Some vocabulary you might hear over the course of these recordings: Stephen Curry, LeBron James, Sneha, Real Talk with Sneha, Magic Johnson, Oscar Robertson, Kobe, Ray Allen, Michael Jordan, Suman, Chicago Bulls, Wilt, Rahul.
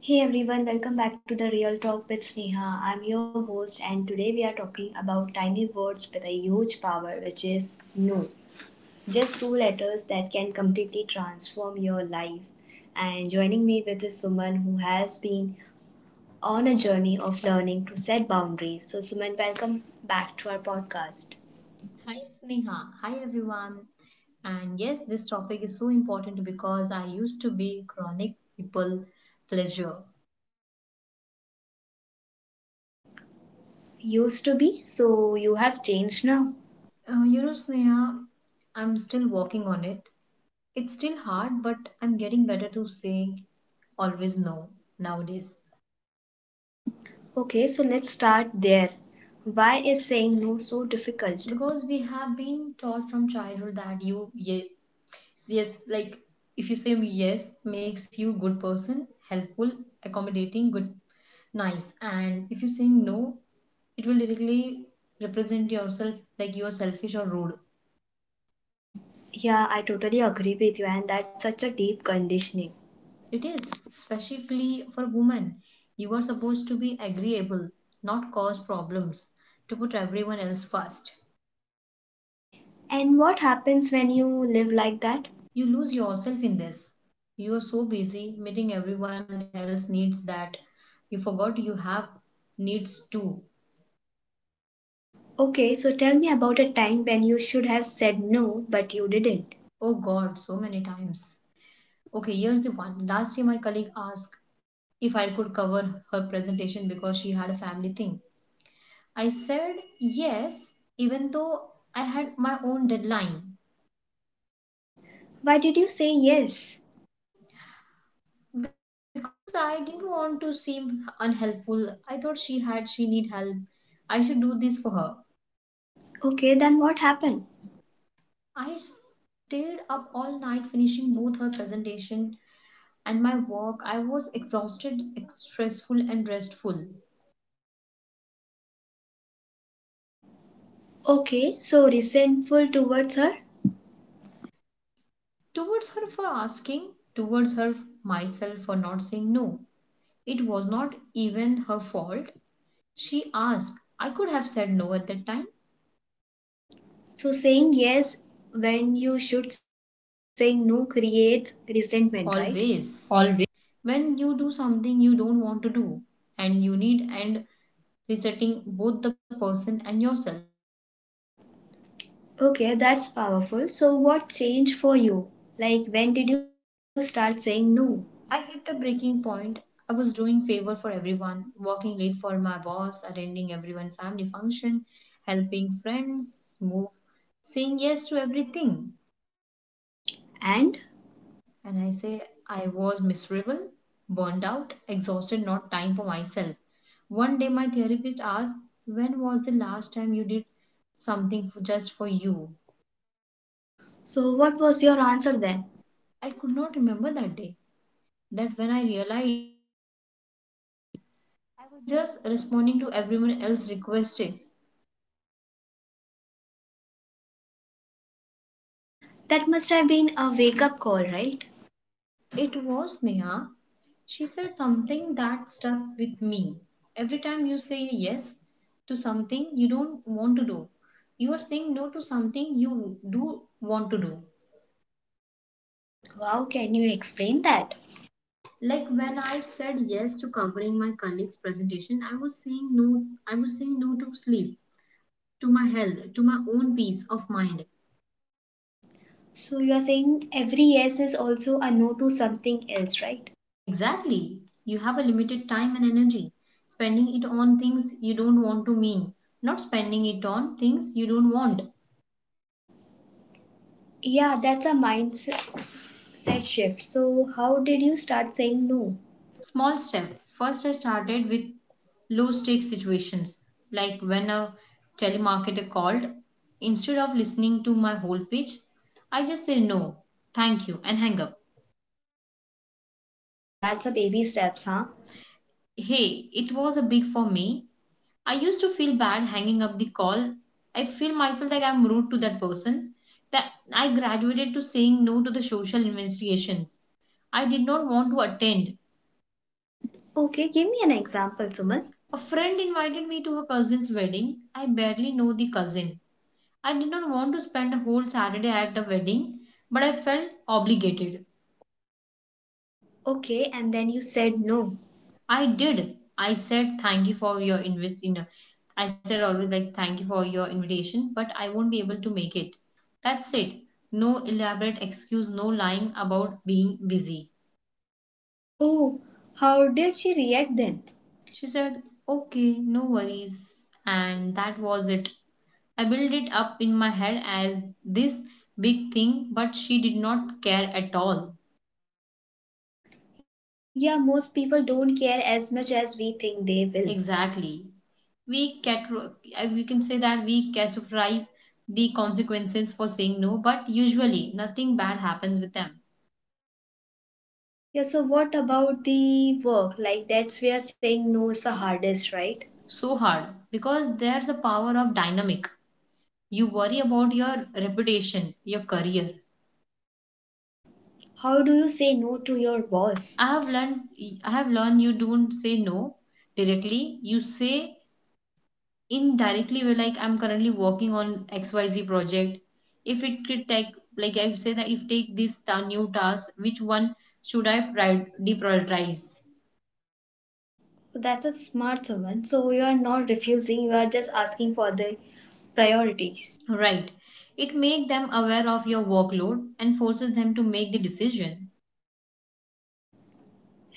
Hey everyone, welcome back to the Real Talk with Sneha. I'm your host, and today we are talking about tiny words with a huge power, which is no. Just two letters that can completely transform your life. And joining me with is Suman, who has been on a journey of learning to set boundaries. So, Suman, welcome back to our podcast. Hi Sneha. Hi everyone. And yes, this topic is so important because I used to be chronic people pleasure. Used to be, so you have changed now. Sneha, I'm still working on it. It's still hard, but I'm getting better to say always no nowadays Okay, so let's start there. Why is saying no so difficult? because we have been taught from childhood that you yes, yes like if you say yes makes you good person helpful accommodating good nice, and if you're saying no it will directly represent yourself like you are selfish or rude. Yeah, I totally agree with you, and that's such a deep conditioning. It is, especially for women. You are supposed to be agreeable, not cause problems, to put everyone else first. And what happens when you live like that? You lose yourself in this. You are so busy meeting everyone else needs that you forgot you have needs too. Okay, so tell me about a time when you should have said no, but you didn't. Oh god, so many times. Okay, here's the one. Last year, my colleague asked if I could cover her presentation because she had a family thing. I said yes, even though I had my own deadline, Why did you say yes? because I didn't want to seem unhelpful. I thought she need help. I should do this for her. Okay, then what happened? I stayed up all night finishing both her presentation and my work. I was exhausted, stressful, and restful. Okay, so resentful towards her? Towards her for asking, towards her, myself for not saying no. It was not even her fault. She asked. I could have said no at that time. So saying yes when you should say no creates resentment, right? Always. When you do something you don't want to do and you need and resetting both the person and yourself. Okay, that's powerful. So, what changed for you? Like, when did you start saying no? I hit a breaking point. I was doing favor for everyone, working late for my boss, attending everyone family function, helping friends move, saying yes to everything. And And I say, I was miserable, burned out, exhausted, not time for myself. One day, my therapist asked, when was the last time you did just for you? so, what was your answer then? I could not remember that day. That when I realized I was just responding to everyone else's requests. That must have been a wake up call, right? It was Neha. She said something that stuck with me. Every time you say yes to something you don't want to do, you are saying no to something you do want to do. Wow, can you explain that? Like when I said yes to covering my colleague's presentation, I was saying no, I was saying no to sleep, to my health, to my own peace of mind. So, you are saying every yes is also a no to something else, right? Exactly. You have a limited time and energy. Spending it on things you don't want to mean not spending it on things you don't want. Yeah, that's a mindset shift. So, how did you start saying no? Small step. First I started with low stakes situations, like when a telemarketer called, instead of listening to my whole pitch I just say no thank you and hang up. Oh, that's a baby steps, huh? Hey, it was a big for me. I used to feel bad hanging up the call. I feel myself like I'm rude to that person. That I graduated to saying no to the social investigations. I did not want to attend. Okay, give me an example, Suman. A friend invited me to her cousin's wedding. I barely know the cousin. I did not want to spend a whole Saturday at the wedding, but I felt obligated. Okay, and then you said no. I did. I said thank you for your invite. I said always like thank you for your invitation, but I won't be able to make it. That's it. No elaborate excuse, no lying about being busy. Oh, how did she react then? She said, okay, no worries. And that was it. I built it up in my head as this big thing, but she did not care at all. Yeah, most people don't care as much as we think they will. Exactly. we cat we can say that we categorize the consequences for saying no, but usually nothing bad happens with them. Yeah, so what about the work? Like, that's where saying no is the hardest, right? So hard, because there's a power of dynamic. You worry about your reputation, your career. How do you say no to your boss? I have learned you don't say no directly, you say indirectly, we're like I'm currently working on XYZ project. If it could take, like I say that if take new task, which one should I deprioritize? That's a smart woman. So, you are not refusing, you are just asking for the priorities. Right. It makes them aware of your workload and forces them to make the decision.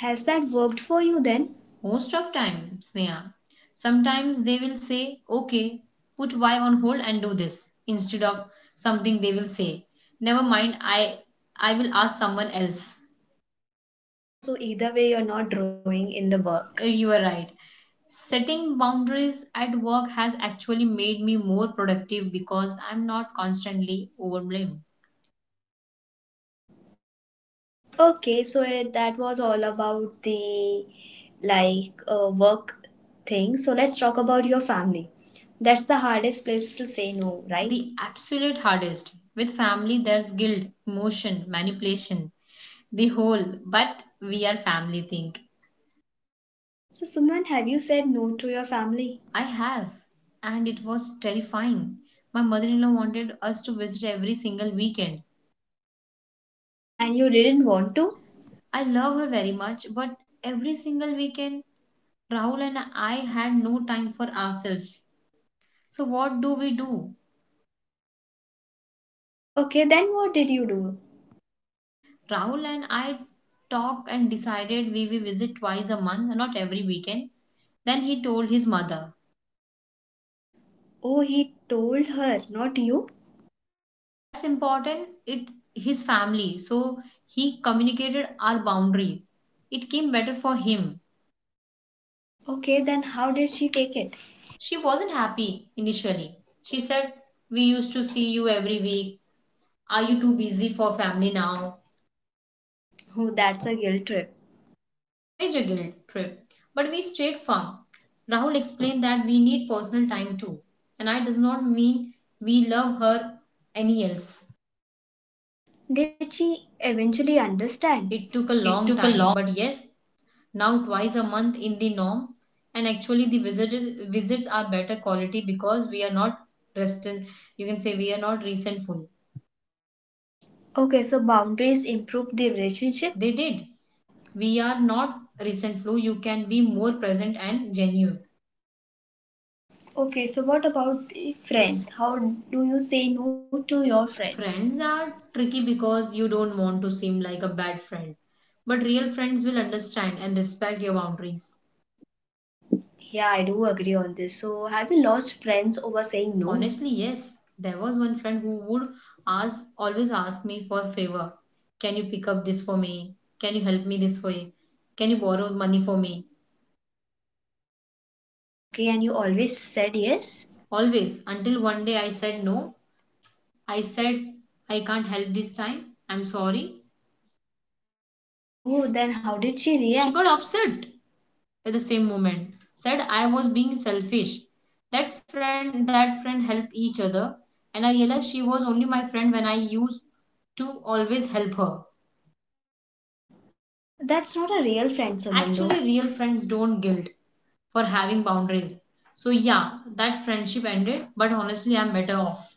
Has that worked for you then? Most of time, Sneha. Sometimes they will say, okay, put Y on hold and do this, instead of something they will say never mind, I will ask someone else. Oh, so either way, you're not drawing in the Eh, you are work. right. Setting boundaries at work has actually made me more productive because I'm not constantly overwhelmed. Okay, so it, that was all about the like work thing. So, let's talk about your family. That's the hardest place to say no, right? The absolute hardest. With family, there's guilt, emotion, manipulation, the whole, but we are family thing. So, Suman, have you said no to your family? I have, and it was terrifying. My mother in law wanted us to visit every single weekend. And you didn't want to? I love her very much, but every single weekend, Rahul and I had no time for ourselves. So, what do we do? Okay, then what did you do? Rahul and I talked and decided we will visit twice a month, not every weekend. Then he told his mother. Oh, he told her, not you. That's important. It, his family, so he communicated our boundary. It came better for him. Okay, then how did she take it? She wasn't happy initially. She said, we used to see you every week, are you too busy for family now? Oh, that's a guilt trip. Major guilt trip, but we stayed firm. Rahul explained that we need personal time too, and I does not mean we love her any else. Did she eventually understand? It took a It long took a time, long. but yes. Now twice a month in the norm, and actually visits are better quality because we are not restant, you can say we are not resentful. Okay, so boundaries improve the relationship. They did. We are not resentful, you can be more present and genuine. Okay, so what about the friends? How do you say no to your friends? Friends are tricky because you don't want to seem like a bad friend, but real friends will understand and respect your boundaries. Yeah, I do agree on this. So, have you lost friends over saying no? Honestly, yes. There was one friend who would ask always ask me for favor. Can you pick up this for me? Can you help me this way? Can you borrow money for me? Okay, and you always said yes? Always until one day I said no. I said I can't help this time. I'm sorry. Oh, then how did she She got react? upset at the same moment. Said I was being selfish. That friend help each other, and I realized she was only my friend when I used to always help her. That's not a real friend, Samando. Actually real friends don't guilt for having boundaries. So, yeah, that friendship ended, but honestly, I'm better off.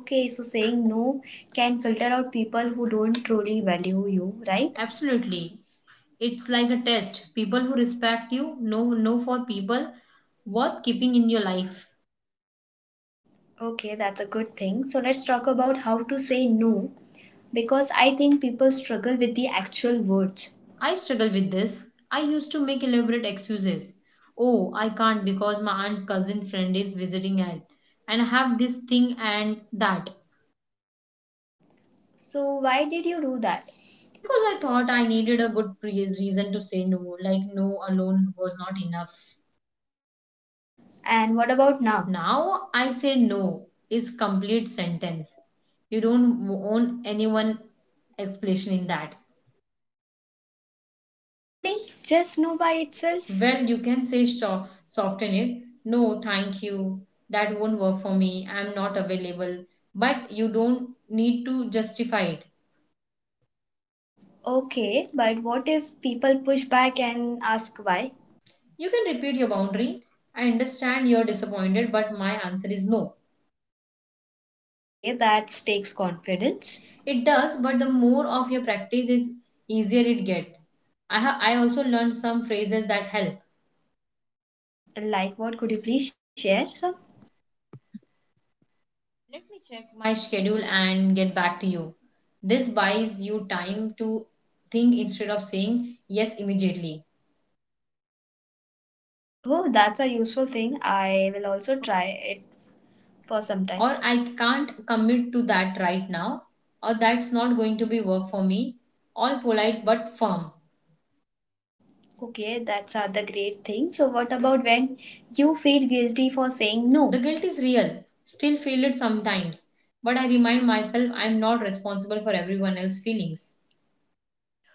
Okay, so saying no can filter out people who don't truly value you, right? Absolutely. It's like a test. People who respect you know for people worth keeping in your life. Okay, that's a good thing. So let's talk about how to say no because I think people struggle with the actual words. I struggle with this. I used to make elaborate excuses. Oh, I can't because my aunt cousin friend is visiting at and I have this thing and that. So, why did you do that? Because I thought I needed a good reason to say no, like no alone was not enough. And what about now? Now I say no is complete sentence. You don't own anyone explanation in that. Really? Just no by itself? Well, you can say soften it. No, thank you. That won't work for me. I'm not available. But you don't need to justify it. Okay, but what if people push back and ask why? You can repeat your boundary. I understand you're disappointed, but my answer is no. Okay, that takes confidence. It does, but the more of your practice is easier it gets. I also learned some phrases that help. Like what? Could you please share some? Let me check my schedule and get back to you. This buys you time to think instead of saying yes immediately. Oh, that's a useful thing. I will also try it for some time. Or I can't commit to that right now. Or that's not going to be work for me. All polite but firm. Okay, that's are the great thing. So what about when you feel guilty for saying The no? guilt is real. Still feel it sometimes. But I remind myself I'm not responsible for everyone else's feelings.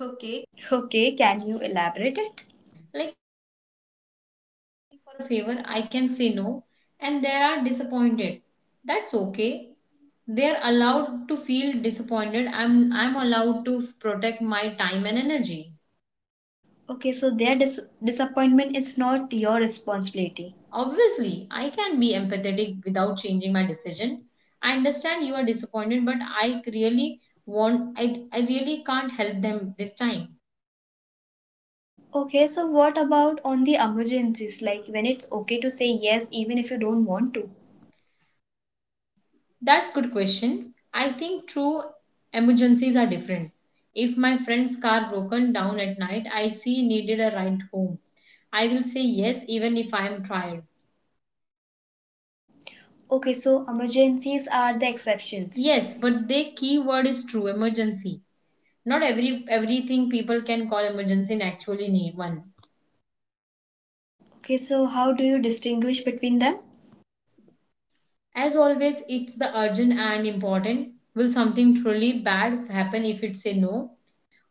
Okay. Okay, can you elaborate it? Like favor, I can say no, and they are disappointed. That's okay. They are allowed to feel disappointed. I'm allowed to protect my time and energy. Okay, so their disappointment is not your responsibility. Obviously, I can be empathetic without changing my decision. I understand you are disappointed, but I really want I really can't help them this time. Okay, so what about on the emergencies like when it's okay to say yes even if you don't want to? That's good question. I think true emergencies are different. If my friend's car broken down at night, I see needed a ride home. I will say yes even if I am tired. Okay, so emergencies are the exceptions. Yes, but the key word is true emergency. Not everything people can call emergency and actually need one. Okay, so how do you distinguish between them? As always, it's the urgent and important. Will something truly bad happen if it say no?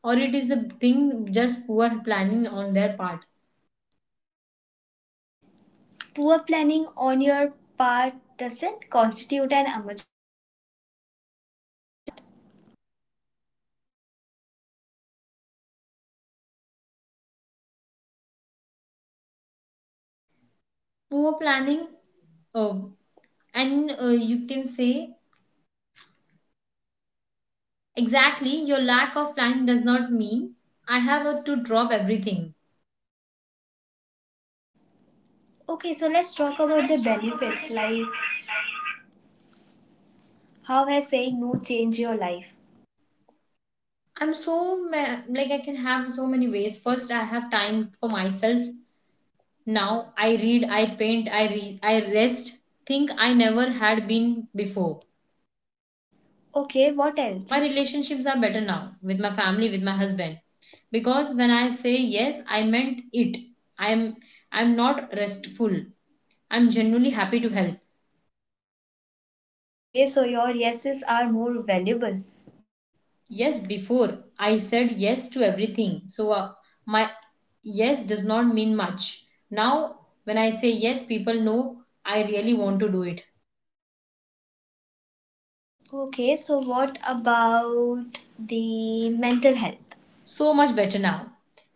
Or it is the thing just poor planning on their part. Poor planning on your part doesn't constitute an emergency on my part. Poor planning uh, and you can say exactly your lack of planning does not mean I have to drop everything. Okay, so let's talk about the benefits like how has saying no changed your life? I'm so like I can have so many ways. First I have time for myself now, I read, I paint, I rest, think I never had been before. Okay, what My else? relationships are better now, with my family, with my husband, because when I say yes I meant it. i'm I'm not restful, I'm genuinely happy to help. Okay, so your yeses are more valuable. Yes, before I said yes to everything. So my yes does not mean much. Now, when I say yes, people know I really want to do it. Okay, so what about the mental health So much better now.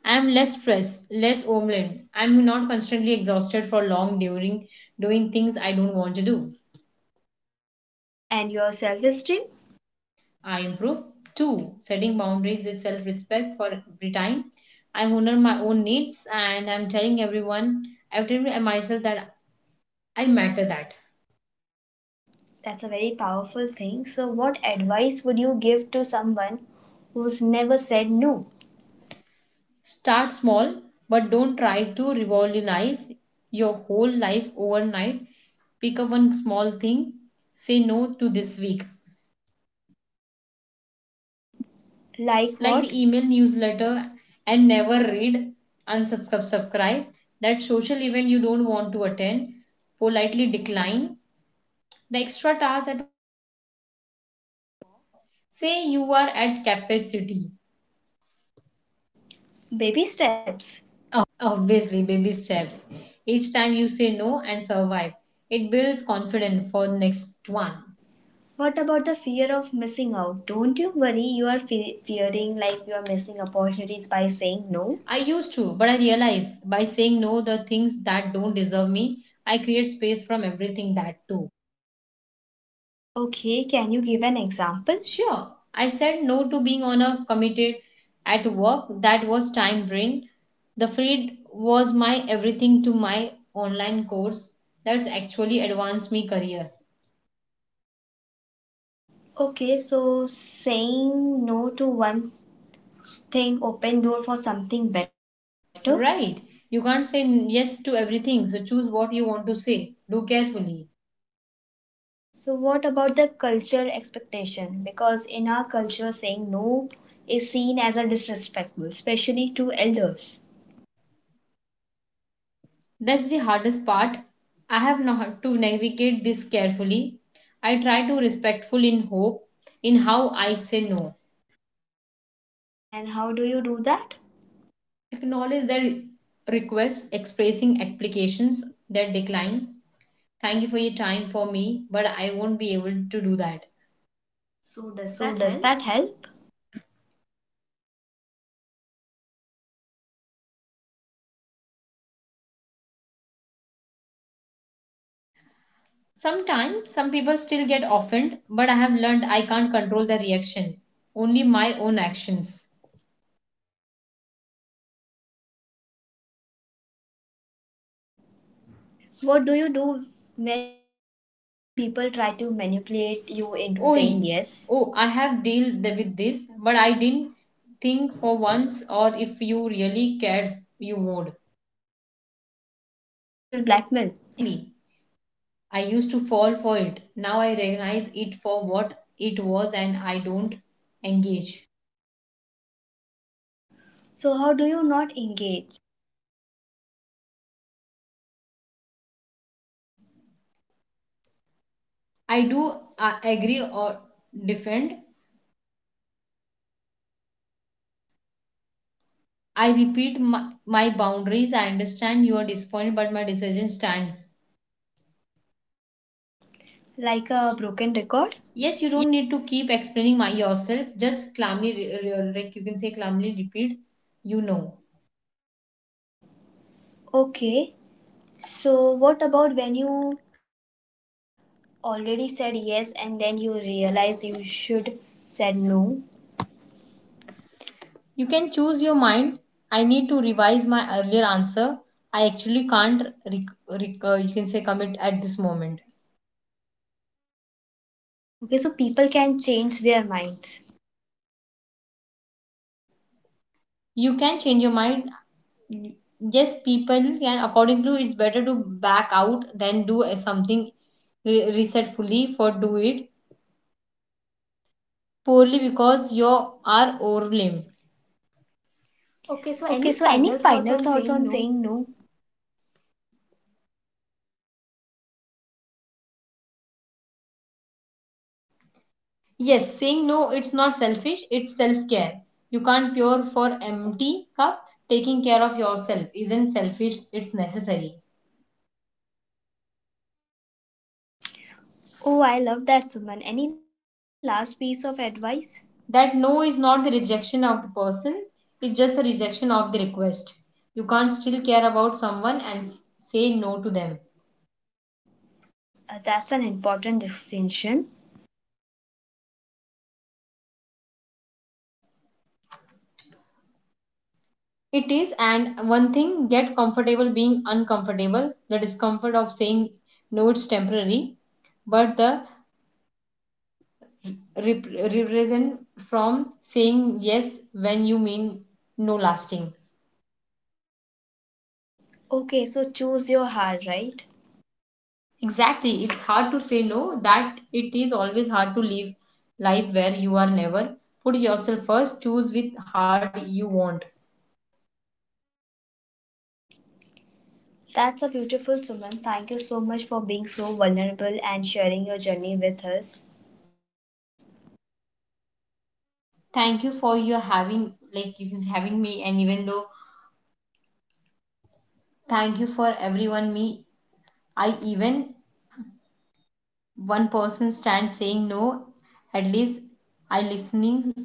I am less stressed, less overwhelmed. I am not constantly exhausted for long during doing things I don't want to do. and your self esteem? I improve. Two, setting boundaries is self respect for every time. I honor my own needs and I'm telling everyone, I tell myself that I matter that. That's a very powerful thing. So, what advice would you give to someone who's never said no? Start small, but don't try to revolutionize your whole life overnight. Pick up one small thing, say no to this week, Like what? like the email newsletter, and never read, unsubscribe, subscribe. That social event you don't want to attend, politely decline. The extra task at say you are at capacity. Baby steps. Obviously, baby steps. Each time you say no and survive, it builds confidence for next one. What about the fear of missing out? Don't you worry, you are fearing like you are missing opportunities by saying no. I used to, but I realized by saying no the things that don't deserve me, I create space from everything that too. Okay, can you give an example? Sure, I said no to being on a committed at work that was time drained. The feed was my everything to my online course that's actually advanced me career. Okay, so saying no to one thing open door for something better. Right. You can't say yes to everything, so choose what you want to say. Do carefully. So what about the culture expectation? Because in our culture saying no is seen as a disrespectful, especially to elders. That's the hardest part. I have not to navigate this carefully. I try to respectful in hope in how I say no. And how do you do that? Acknowledge their requests, expressing applications, that decline. Thank you for your time for me, but I won't be able to do that. So, does So that does help? that help? Sometimes some people still get offended, but I have learned I can't control their reaction, only my own actions. What do you do when people try to manipulate you into saying yes? Oh, oh, I have dealt with this, but I didn't think for once or if you really cared, you would. Emotional blackmail. Exactly. I used to fall for it. Now I recognize it for what it was and I don't engage. So, how do you not engage? I do agree or defend. I repeat my boundaries. I understand you are disappointed, but my decision stands. Like a broken record? Yes, you don't need to keep explaining my yourself. Just calmly, like you can say, calmly repeat, you know. Okay, so what about when you already said yes and then you realize you should said no? You can choose your mind. I need to revise my earlier answer. I actually can't, you can say, commit at this moment. Okay, so people can change their minds. You can change your mind. Yes, people can. According to it's better to back out than do a something reset fully for do it poorly because you are overwhelmed. Okay, so Okay, any so any final thoughts final on thoughts saying on no? saying no? Yes, saying no, it's not selfish, it's self care. You can't pour for empty cup. Taking care of yourself isn't selfish, it's necessary. Oh, I love that, Suman. Any last piece of advice? That no is not the rejection of the person, it's just a rejection of the request. You can't still care about someone and say no to them. That's an important distinction. It is, and one thing, get comfortable being uncomfortable. The discomfort of saying no, it's temporary, but the rep- represent from saying yes when you mean no lasting Okay, so choose your heart, right? exactly it's hard to say no that it is always hard to live life where you are never put yourself first choose with hard you want That's a beautiful Suman. Thank you so much for being so vulnerable and sharing your journey with us. thank you for your having like you is having me and even though thank you for everyone me I even one person stand saying no at least I listening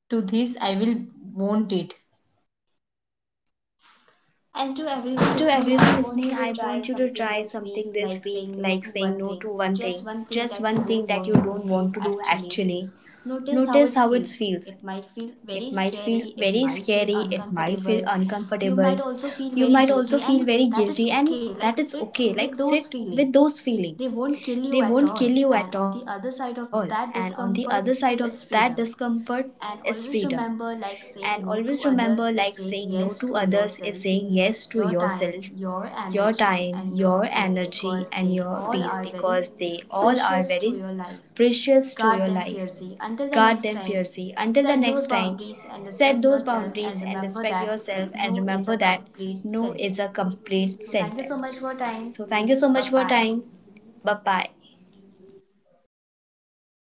to this I will want it. And to everyone And to listening, I everyone want you listening, to I try want you to something try this week, something like this week, saying no to like one saying no thing, to one just thing, one thing just that you one thing don't that you want to don't do want to do actually. actually. Notice how it Notice how it feels. feels. It might It might feel feel very very scary, scary, it might it feel might feel uncomfortable. uncomfortable. You might You also might feel also very feel guilty, very and guilty, that and is okay. that is Like, sit okay. Like, with sit those with feelings. those feelings. They won't kill They you at won't all. kill you And at on all. the other And side on of the other that side of that discomfort is discomfort freedom. is freedom. And always And always remember, like, remember saying like no saying to no to others is others is saying saying yes yes to to yourself, yourself, your your time, time, your your energy, energy, and and your your peace peace because because they they all all are are very very precious precious to to your your life. life. Guard Guard them them fiercely. fiercely. Until Until the the next next time, time, set set those those boundaries boundaries and and respect respect yourself, yourself and and remember remember that that no no is is a a complete complete sentence. sentence. So, So, thank you thank you so so much much for your for your time. time. Bye Bye bye. bye.